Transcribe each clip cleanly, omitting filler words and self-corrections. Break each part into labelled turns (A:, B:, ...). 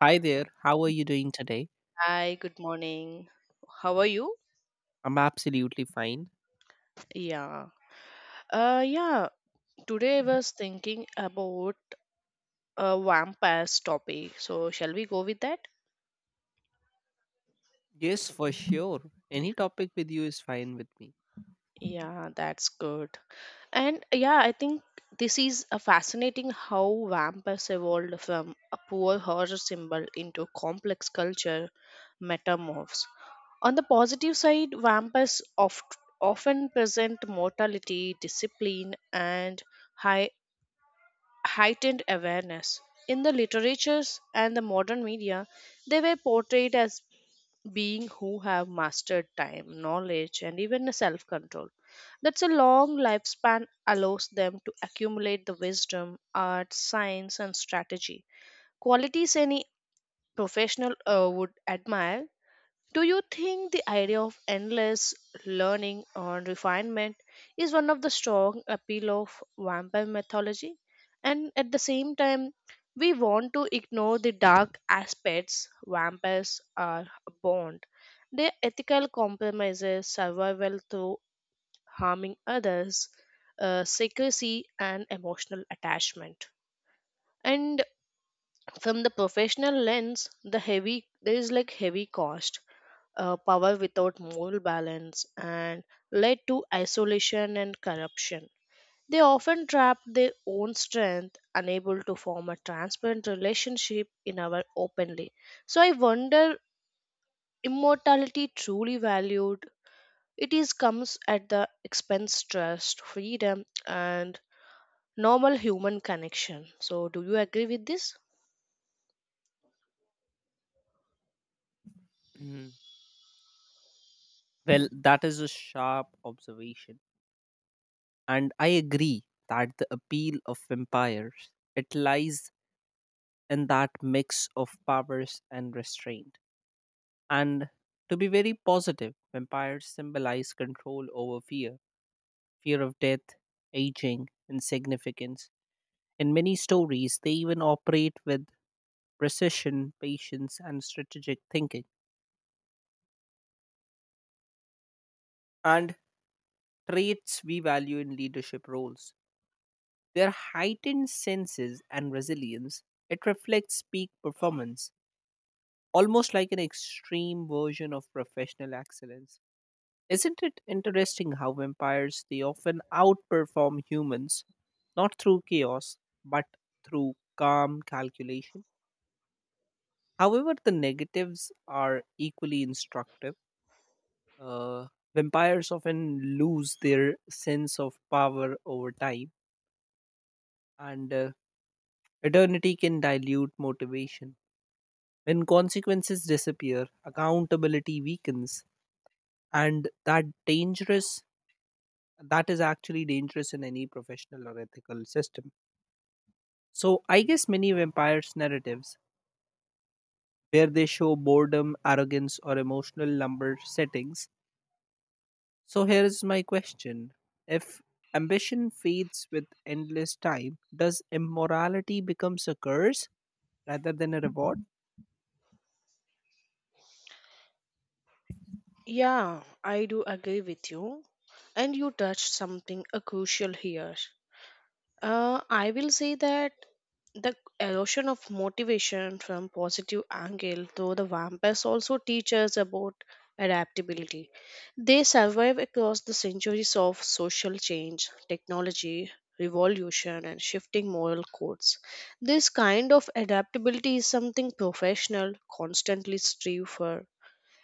A: Hi there, how are you doing today?
B: Hi, good morning. How are you?
A: I'm absolutely fine.
B: Yeah. Uh, yeah, today I was thinking about a vampires topic. So, shall we go with that?
A: Yes, for sure. Any topic with you is fine with me.
B: Yeah, that's good. And yeah, I think this is a fascinating how vampires evolved from a poor horror symbol into complex culture metamorphs. On the positive side, often present mortality, discipline, and high heightened awareness. In the literatures and the modern media, they were portrayed as being who have mastered time, knowledge, and even self control. That's a long lifespan allows them to accumulate the wisdom, art, science, and strategy. Qualities any professional would admire. Do you think the idea of endless learning or refinement is one of the strong appeal of vampire mythology? And at the same time, we want to ignore the dark aspects vampires are born. Their ethical compromises, survival through harming others, secrecy, and emotional attachment. And from the professional lens, the heavy there is like heavy cost power without moral balance and led to isolation and corruption. They often trapped their own strength, unable to form a transparent relationship in our openly. So I wonder immortality truly valued. It is comes at the expense trust, freedom and normal human connection. So do you agree with this?
A: Mhm. Well, that is a sharp observation. And I agree that the appeal of vampires it lies in that mix of powers and restraint. And to be very positive, vampires symbolize control over fear, fear of death, aging, insignificance. In many stories, they even operate with precision, patience, and strategic thinking, and traits we value in leadership roles. Their heightened senses and resilience, it reflects peak performance, almost like an extreme version of professional excellence. Isn't it interesting how vampires they often outperform humans, not through chaos, but through calm calculation? However, the negatives are equally instructive. Uh, Vampires often lose their sense of power over time, and eternity can dilute motivation. When consequences disappear, accountability weakens, and that is actually dangerous in any professional or ethical system. So I guess many vampires narratives where they show boredom, arrogance, or emotional number settings. So here is my question. If ambition fades with endless time, does immorality becomes a curse rather than a reward?
B: Yeah, I do agree with you. And you touched something crucial here. I will say that the erosion of motivation from positive angle, though the vampires also teach us about adaptability. They survive across the centuries of social change, technology, revolution, and shifting moral codes. This kind of adaptability is something professional constantly strive for,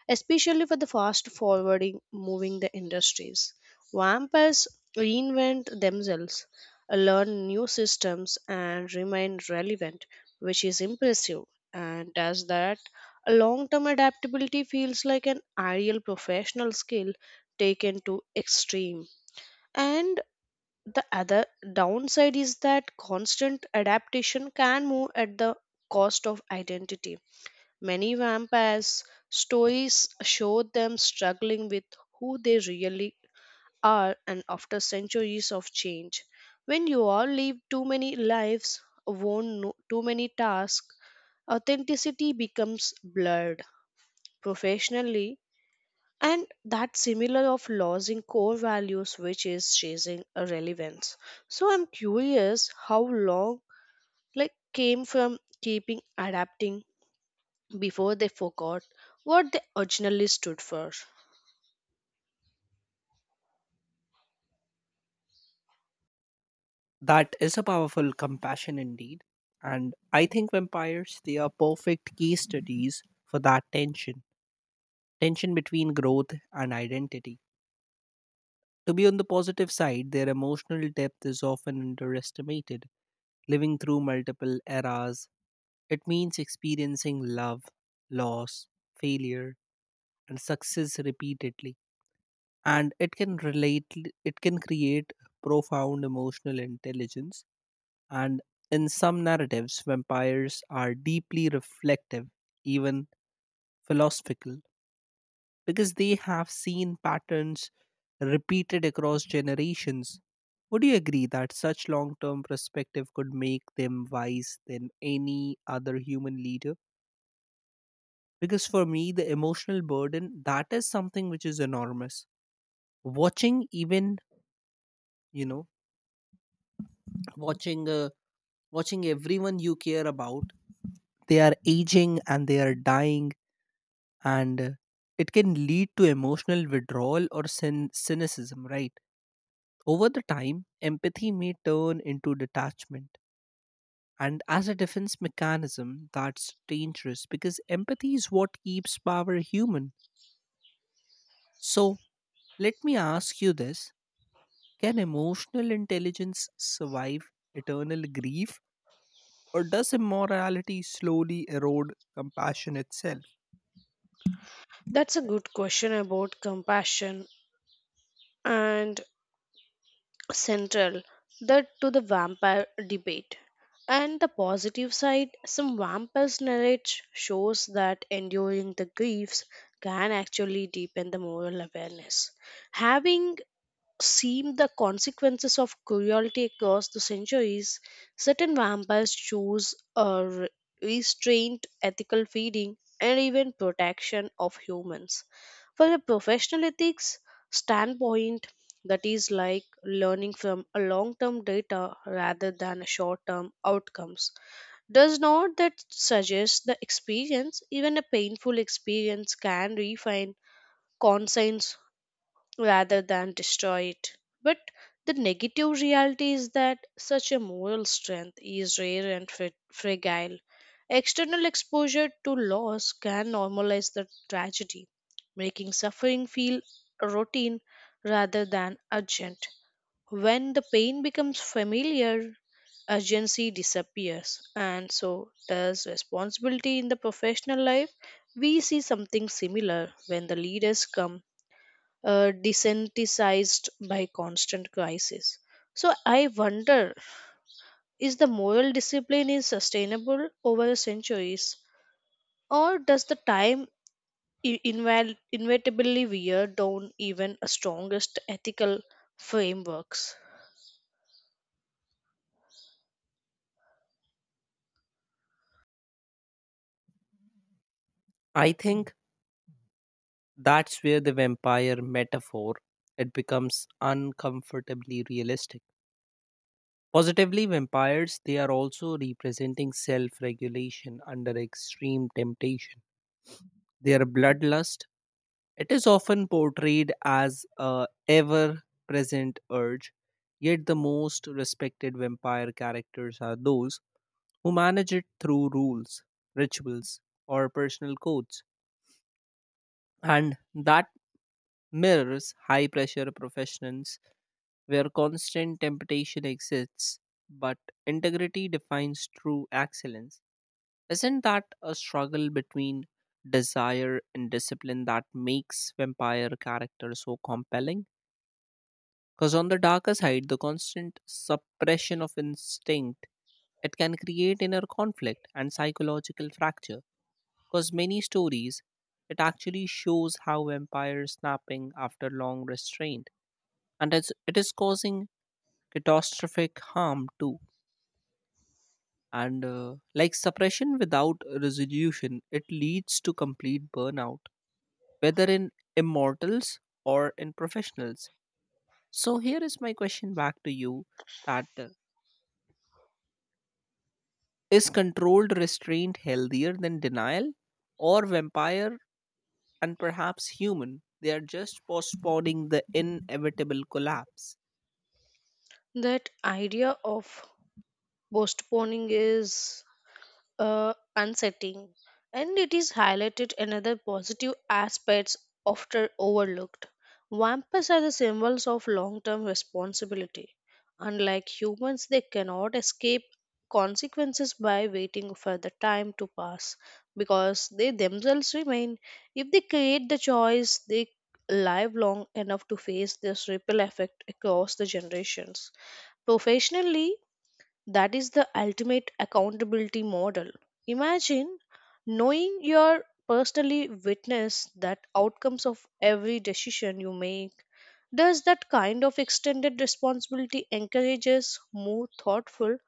B: especially for the fast forwarding moving the industries. Vampires reinvent themselves, learn new systems and remain relevant, which is impressive. And as that, a long-term adaptability feels like an ideal professional skill taken to extreme. And the other downside is that constant adaptation can move at the cost of identity. Many vampires stories show them struggling with who they really are and after centuries of change. When you all live too many lives, won no- too many tasks, authenticity becomes blurred professionally, and that similar of losing core values which is chasing a relevance. So I'm curious how long like came from keeping adapting before they forgot what they originally stood for?
A: That is a powerful compassion indeed. And I think vampires they are perfect case studies for that tension. Tension between growth and identity. To be on the positive side, their emotional depth is often underestimated. Living through multiple eras, it means experiencing love, loss, failure, and success repeatedly. And it can create profound emotional intelligence. And in some narratives vampires are deeply reflective, even philosophical, because they have seen patterns repeated across generations. Would you agree that such long-term perspective could make them wise than any other human leader? Because for me the emotional burden that is something which is enormous, watching even you know watching watching everyone you care about, they are aging and they are dying. And it can lead to emotional withdrawal or cynicism, right? Over the time empathy may turn into detachment, and as a defense mechanism that's dangerous because empathy is what keeps power human. So let me ask you this: can emotional intelligence survive eternal grief? Or does immorality slowly erode compassion itself?
B: That's a good question about compassion and central that to the vampire debate. And the positive side, some vampires narrate shows that enduring the griefs can actually deepen the moral awareness. Having seen the consequences of cruelty across the centuries. Certain vampires choose restraint, ethical feeding, and even protection of humans. For a professional ethics standpoint, that is like learning from a long-term data rather than a short-term outcomes. Does not that suggest the experience, even a painful experience, can refine conscience rather than destroy it. But the negative reality is that such a moral strength is rare and fragile. External exposure to loss can normalize the tragedy, making suffering feel routine rather than urgent. When the pain becomes familiar, urgency disappears, and so does responsibility in the professional life. We see something similar when the leaders come desensitized by constant crisis. So I wonder is the moral discipline is sustainable over centuries, or does the time inevitably wear down even a strongest ethical frameworks.
A: I think that's where the vampire metaphor it becomes uncomfortably realistic. Positively, vampires they are also representing self-regulation under extreme temptation. Their bloodlust, it is often portrayed as a ever present urge, yet the most respected vampire characters are those who manage it through rules, rituals, or personal codes, and that mirrors high pressure professionals where constant temptation exists, but integrity defines true excellence. Isn't that a struggle between desire and discipline that makes vampire characters so compelling? Because on the darker side, the constant suppression of instinct it can create inner conflict and psychological fracture. Because many stories, it actually shows how vampires snapping after long restraint, and it is causing catastrophic harm too. And like suppression without resolution, it leads to complete burnout, whether in immortals or in professionals. So here is my question back to you: that is controlled restraint healthier than denial, or vampire and perhaps human? They are just postponing the inevitable collapse.
B: That idea of postponing is unsettling, and it is highlighted another positive aspects often overlooked. Vampires are the symbols of long-term responsibility. Unlike humans, they cannot escape consequences by waiting for the time to pass because they themselves remain. If they create the choice, they live long enough to face this ripple effect across the generations. Professionally, that is the ultimate accountability model. Imagine knowing your personally witness that outcomes of every decision you make. Does that kind of extended responsibility encourages more thoughtful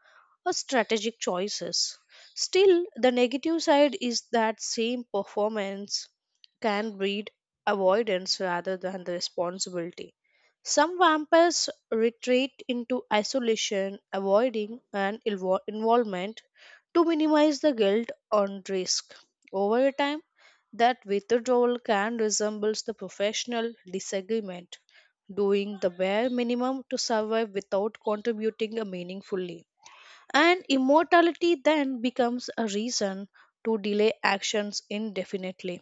B: or strategic choices. Still, the negative side is that same performance can breed avoidance rather than the responsibility. Some vampires retreat into isolation, avoiding an involvement to minimize the guilt and risk. Over time, that withdrawal can resembles the professional disagreement, doing the bare minimum to survive without contributing meaningfully. And immortality then becomes a reason to delay actions indefinitely.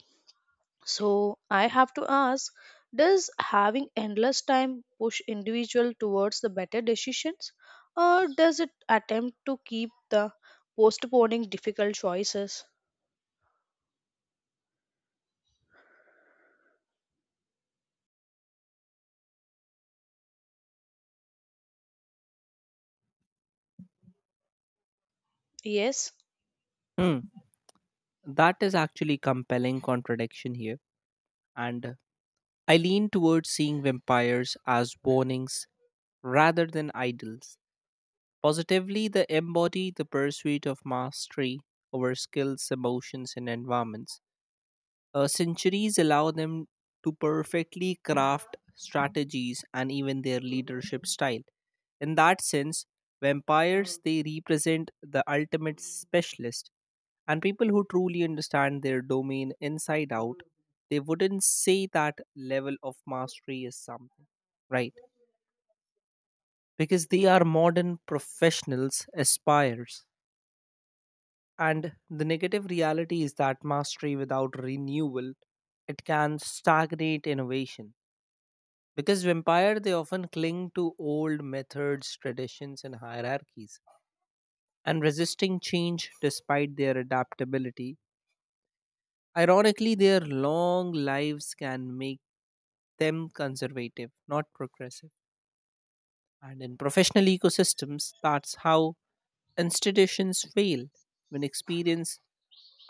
B: So I have to ask, does having endless time push individual towards the better decisions, or does it attempt to keep the postponing difficult choices? Yes,
A: Hmm. That is actually compelling contradiction here. And I lean towards seeing vampires as warnings rather than idols. Positively, they embody the pursuit of mastery over skills, emotions, and environments. Centuries allow them to perfectly craft strategies and even their leadership style. In that sense, vampires they represent the ultimate specialist and people who truly understand their domain inside out. They wouldn't say that level of mastery is something, right? Because they are modern professionals, aspires. And the negative reality is that mastery without renewal, it can stagnate innovation. Because vampire, they often cling to old methods, traditions, and hierarchies, and resisting change despite their adaptability. Ironically, their long lives can make them conservative, not progressive. And in professional ecosystems, that's how institutions fail when experience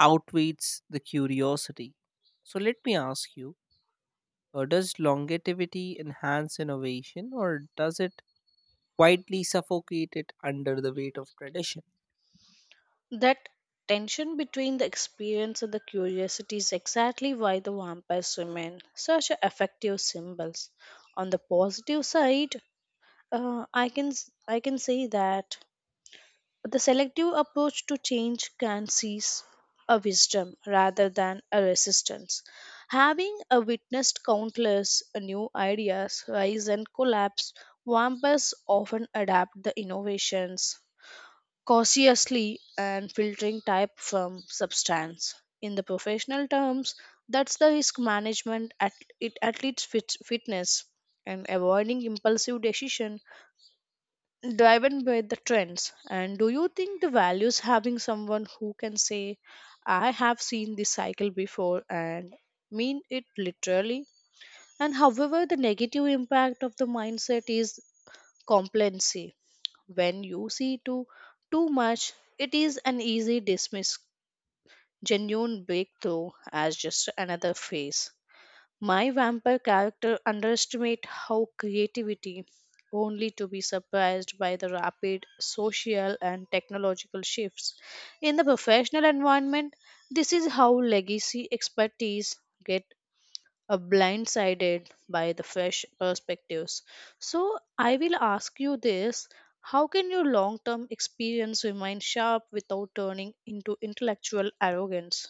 A: outweighs the curiosity. So let me ask you, does longevity enhance innovation, or does it quietly suffocate it under the weight of tradition?
B: that tension between the experience and the curiosity is exactly why the vampires remain such a effective symbols. On the positive side, Uh, I can s- I can say that the selective approach to change can seize a wisdom rather than a resistance. Having witnessed countless new ideas rise and collapse, vampires often adapt the innovations cautiously and filtering type from substance. In the professional terms, that's the risk management at it at least fitness and avoiding impulsive decision driven by the trends. And do you think the values having someone who can say I have seen this cycle before and mean it literally. And however the negative impact of the mindset is complacency. When you see too much, it is an easy dismiss genuine breakthrough as just another phase. My vampire character underestimates how creativity, only to be surprised by the rapid social and technological shifts. In the professional environment, this is how legacy expertise get blindsided by the fresh perspectives. So I will ask you this. How can your long term experience remain sharp without turning into intellectual arrogance?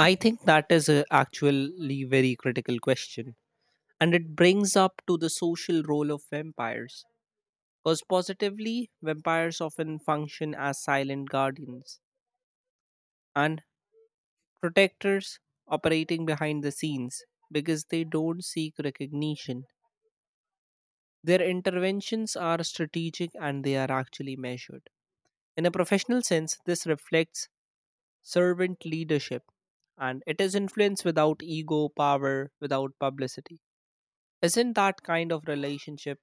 A: I think that is a actually very critical question. And it brings up to the social role of vampires. Because positively, vampires often function as silent guardians and protectors, operating behind the scenes because they don't seek recognition. Their interventions are strategic and they are actually measured. In a professional sense, this reflects servant leadership, and it is influence without ego, power, without publicity. Isn't that kind of relationship?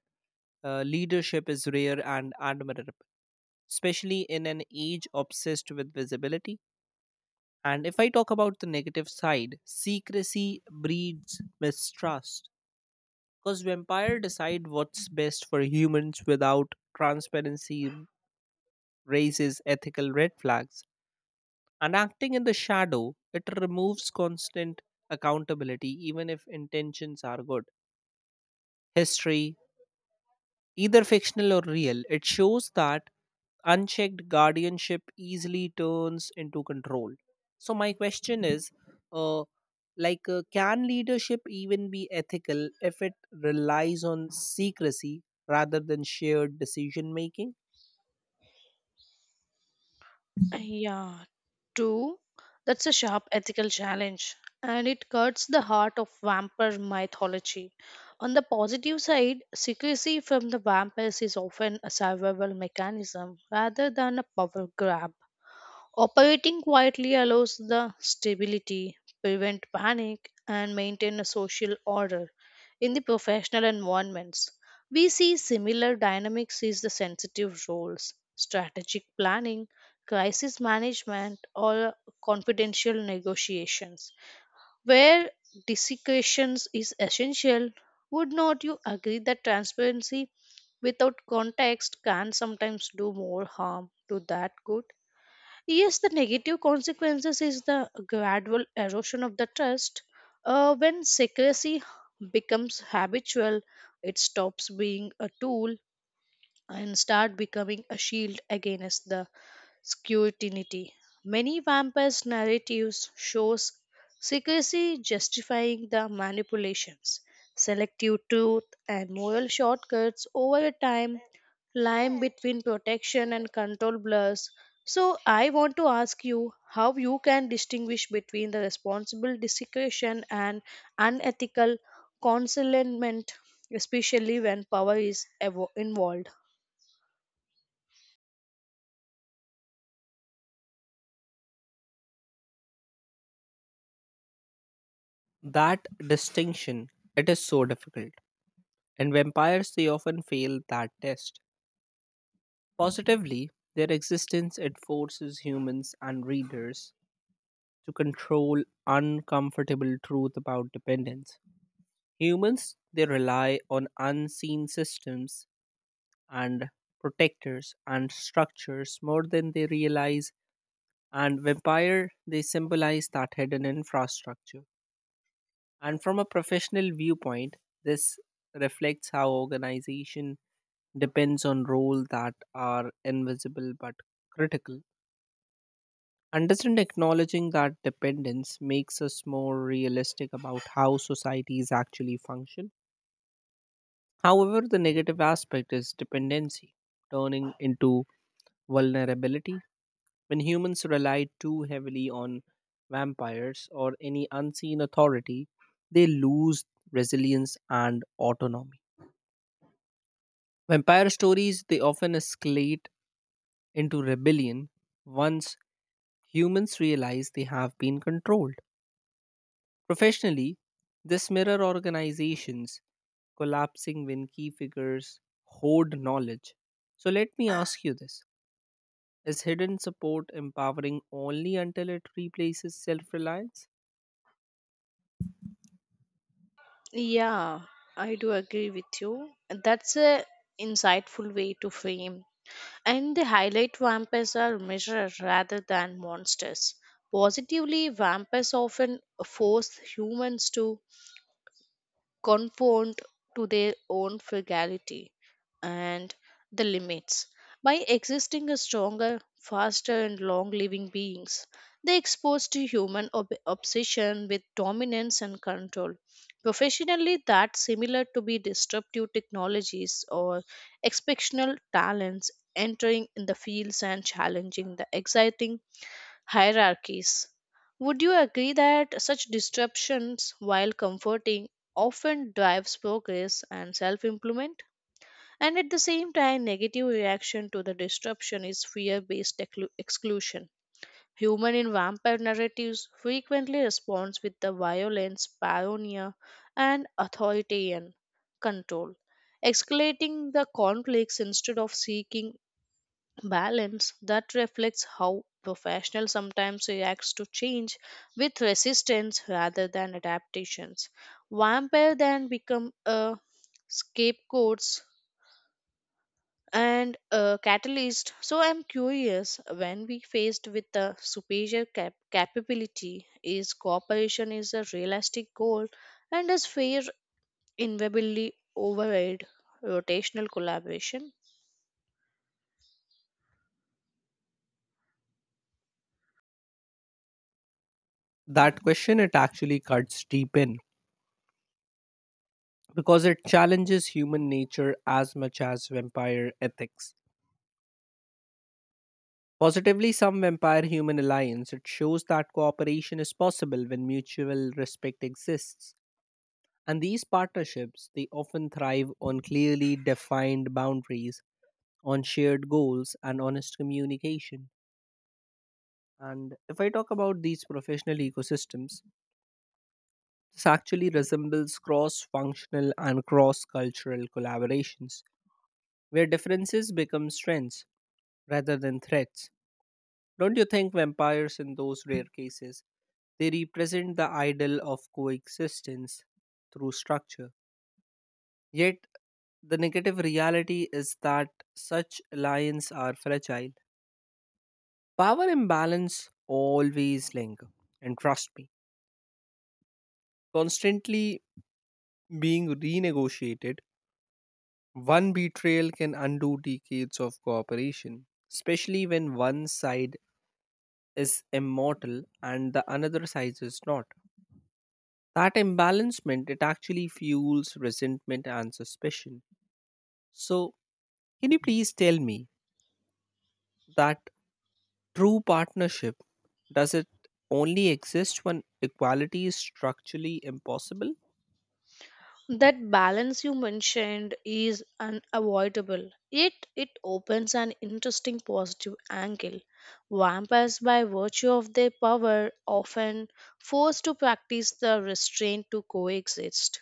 A: Leadership is rare and admirable, especially in an age obsessed with visibility. And if I talk about the negative side, secrecy breeds mistrust because vampire decide what's best for humans without transparency raises ethical red flags. And acting in the shadow, it removes constant accountability even if intentions are good. History, either fictional or real, it shows that unchecked guardianship easily turns into control. So my question is, uh, can leadership even be ethical if it relies on secrecy rather than shared decision making?
B: Yeah, two, that's a sharp ethical challenge, and it cuts the heart of vampire mythology. On the positive side, secrecy from the vampires is often a survival mechanism rather than a power grab. Operating quietly allows the stability, prevent panic, and maintain a social order in the professional environments. We see similar dynamics is the sensitive roles, strategic planning, crisis management, or confidential negotiations, where discretion is essential. Would not you agree that transparency without context can sometimes do more harm to that good? Yes, the negative consequences is the gradual erosion of the trust. When secrecy becomes habitual, it stops being a tool and start becoming a shield against the scrutiny. Many vampire narratives shows secrecy justifying the manipulations, selective truth, and moral shortcuts over a time line between protection and control blurs. So I want to ask you how you can distinguish between the responsible desecration and unethical concealment, especially when power is involved.
A: That distinction, it is so difficult, and vampires they often fail that test. Positively, their existence it forces humans and readers to control uncomfortable truth about dependence. Humans they rely on unseen systems and protectors and structures more than they realize, and vampire they symbolize that hidden infrastructure. And from a professional viewpoint, this reflects how organization depends on roles that are invisible but critical. And doesn't acknowledging that dependence makes us more realistic about how societies actually function? However, the negative aspect is dependency, turning into vulnerability. When humans rely too heavily on vampires or any unseen authority, they lose resilience and autonomy. Vampire stories they often escalate into rebellion once humans realize they have been controlled. Professionally, this mirror organizations collapsing when key figures hoard knowledge. So let me ask you this: is hidden support empowering only until it replaces self reliance?
B: Yeah, I do agree with you. That's a insightful way to frame. And they highlight vampires are measures rather than monsters. Positively, vampires often force humans to conformed to their own frugality and the limits. By existing as stronger, faster, and long living beings, they exposed to human obsession with dominance and control. Professionally, that's similar to be disruptive technologies or exceptional talents entering in the fields and challenging the exciting hierarchies. Would you agree that such disruptions, while comforting, often drives progress and self improvement? And at the same time, negative reaction to the disruption is fear based exclusion. Human in vampire narratives frequently responds with the violence, paranoia, and authoritarian control, escalating the conflicts instead of seeking balance that reflects how professional sometimes reacts to change with resistance rather than adaptations. Vampire then become a scapegoats and a catalyst. So I'm curious, when we faced with the superior capability, is cooperation is a realistic goal, and is fair invariably override rotational collaboration.
A: That question, it actually cuts deep in because it challenges human nature as much as vampire ethics. Positively, some vampire human alliance, it shows that cooperation is possible when mutual respect exists. And these partnerships, they often thrive on clearly defined boundaries, on shared goals, and honest communication. And if I talk about these professional ecosystems, this actually resembles cross functional and cross cultural collaborations, where differences become strengths rather than threats. Don't you think vampires, in those rare cases, they represent the ideal of coexistence through structure? Yet, the negative reality is that such alliances are fragile. Power imbalance always linger, and trust me, constantly being renegotiated. One betrayal can undo decades of cooperation, especially when one side is immortal and the another side is not. That imbalancement it actually fuels resentment and suspicion. So, can you please tell me that true partnership, does it only exist when equality is structurally impossible?
B: That balance you mentioned is unavoidable, yet it opens an interesting positive angle. Vampires, by virtue of their power, often forced to practice the restraint to coexist.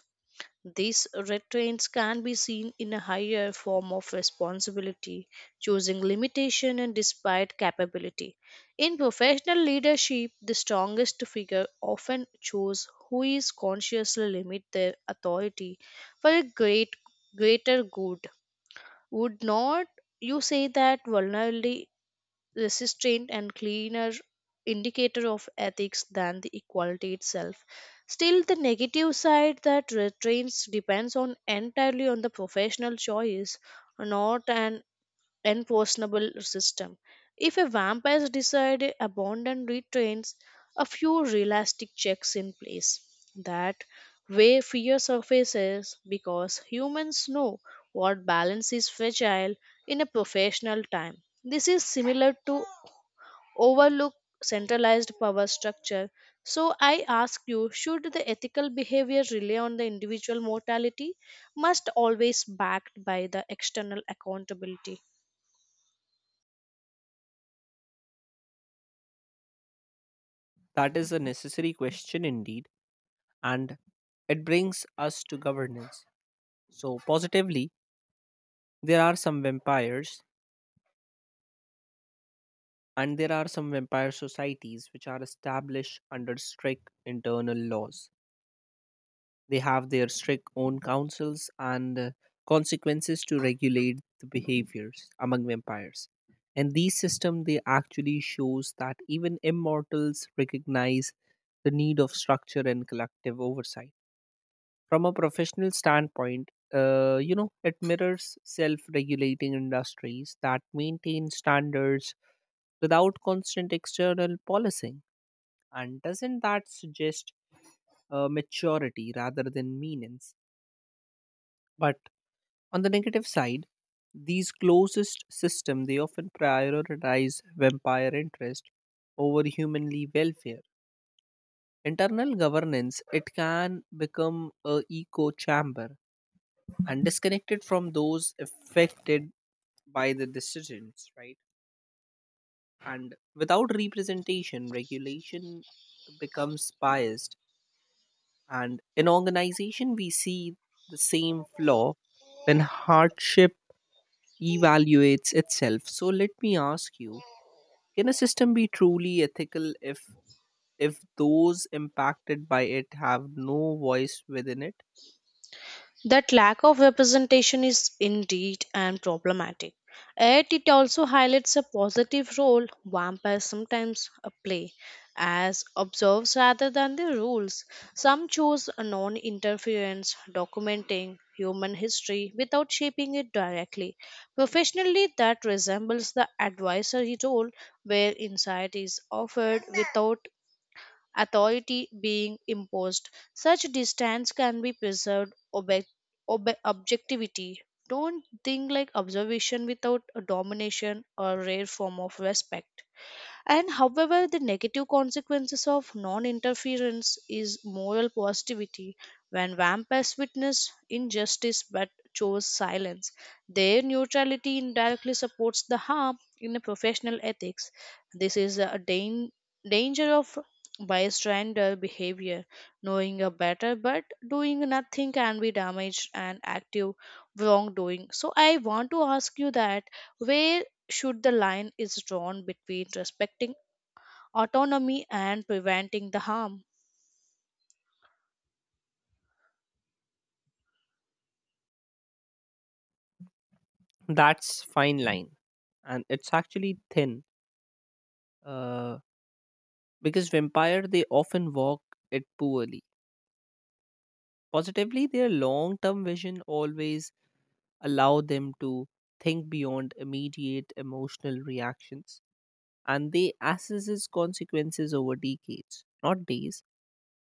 B: These restraints can be seen in a higher form of responsibility, choosing limitation and despite capability. In professional leadership, the strongest figure often choose who is consciously limit their authority for a greater good. Would not you say that vulnerability resistant and cleaner indicator of ethics than the equality itself. Still, the negative side that restraints depends on entirely on the professional choice, not an enforceable system. If a vampire decide abandon retrains, a few realistic checks in place. That way fear surfaces because humans know what balance is fragile in a professional time. This is similar to overlook centralized power structure. So I ask you, should the ethical behavior rely on the individual mortality? Must always backed by the external accountability.
A: That is a necessary question indeed. And it brings us to governance. So, positively, there are some vampires there are some vampire societies which are established under strict internal laws. They have their strict own councils and consequences to regulate the behaviors among vampires. And these system, they actually shows that even immortals recognize the need of structure and collective oversight. From a professional standpoint, it mirrors self-regulating industries that maintain standards without constant external policing. And doesn't that suggest maturity rather than meanness? But on the negative side, these closest system they often prioritize vampire interest over humanly welfare. Internal governance it can become a echo chamber and disconnected from those affected by the decisions, right? And without representation, regulation becomes biased. And in organization, we see the same flaw when hardship evaluates itself. So let me ask you: can a system be truly ethical if those impacted by it have no voice within it?
B: That lack of representation is indeed and problematic. Yet it also highlights a positive role vampires sometimes play as observes rather than the rules. Some choose a non interference, documenting human history without shaping it directly. Professionally, that resembles the advisory role where insight is offered without authority being imposed. Such distance can be preserved objectivity. Don't think like observation without a domination or rare form of respect. And however the negative consequences of non-interference is moral positivity. When vampires witness injustice but chose silence, their neutrality indirectly supports the harm. In a professional ethics, this is a danger of bystander behavior. Knowing a better but doing nothing can be damaged and active wrongdoing. So I want to ask you that where should the line is drawn between respecting autonomy and preventing the harm.
A: That's fine line, and it's actually thin. Uh, because vampire they often walk it poorly. Positively, their long term vision always allow them to think beyond immediate emotional reactions, and they assess consequences over decades, not days.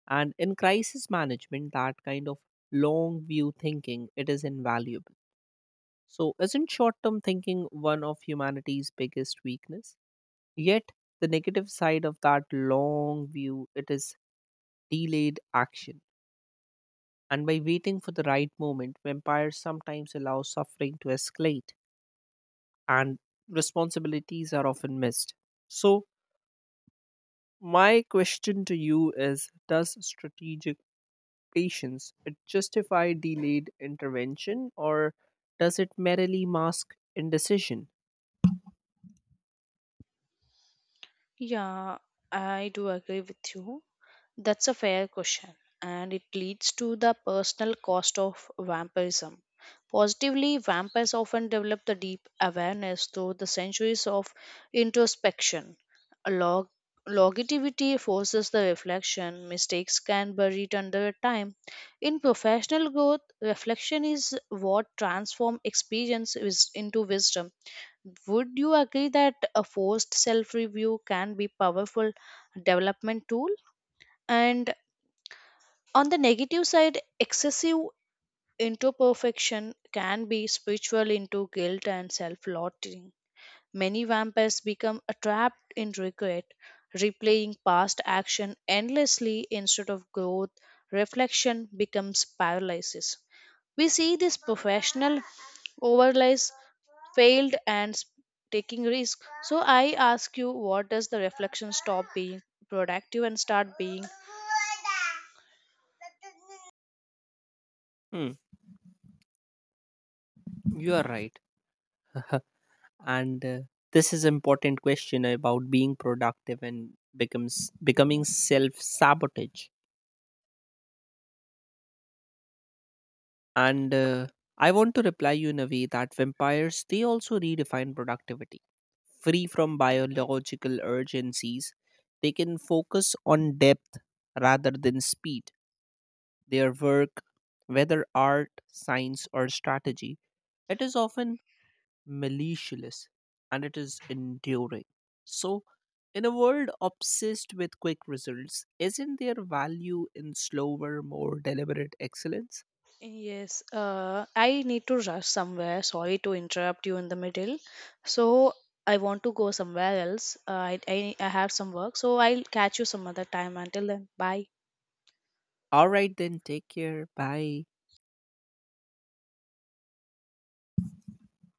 A: And in crisis management, that kind of long view thinking it is invaluable. So, isn't short term thinking one of humanity's biggest weakness? Yet, the negative side of that long view it is delayed action. And by waiting for the right moment, vampires sometimes allow suffering to escalate, and responsibilities are often missed. So, my question to you is, does strategic patience it justify delayed intervention, or does it merely mask indecision?
B: Yeah, I do agree with you. That's a fair question, and it leads to the personal cost of vampirism. Positively, vampires often develop the deep awareness through the centuries of introspection. log- longevity forces the reflection. Mistakes can be buried under time. In professional growth, reflection is what transforms experience is into wisdom. Would you agree that a forced self review can be powerful development tool? And on the negative side, excessive into perfection can be spiritual into guilt and self loathing. Many vampires become trapped in regret, replaying past action endlessly instead of growth. Reflection becomes paralysis. We see this professional overlays failed and taking risk. So I ask you, what does the reflection stop being productive and start being.
A: Hmm, you are right. And this is important question about being productive and becomes becoming self sabotage. And I want to reply you in a way that vampires they also redefine productivity. Free from biological urgencies, they can focus on depth rather than speed. Their work, whether art, science, or strategy, it is often malicious and it is enduring. So, in a world obsessed with quick results, isn't there value in slower, more deliberate excellence?
B: Yes, I need to rush somewhere. Sorry to interrupt you in the middle. So I want to go somewhere else. I have some work. So I'll catch you some other time. Until then, bye.
A: All right, then, take care. Bye.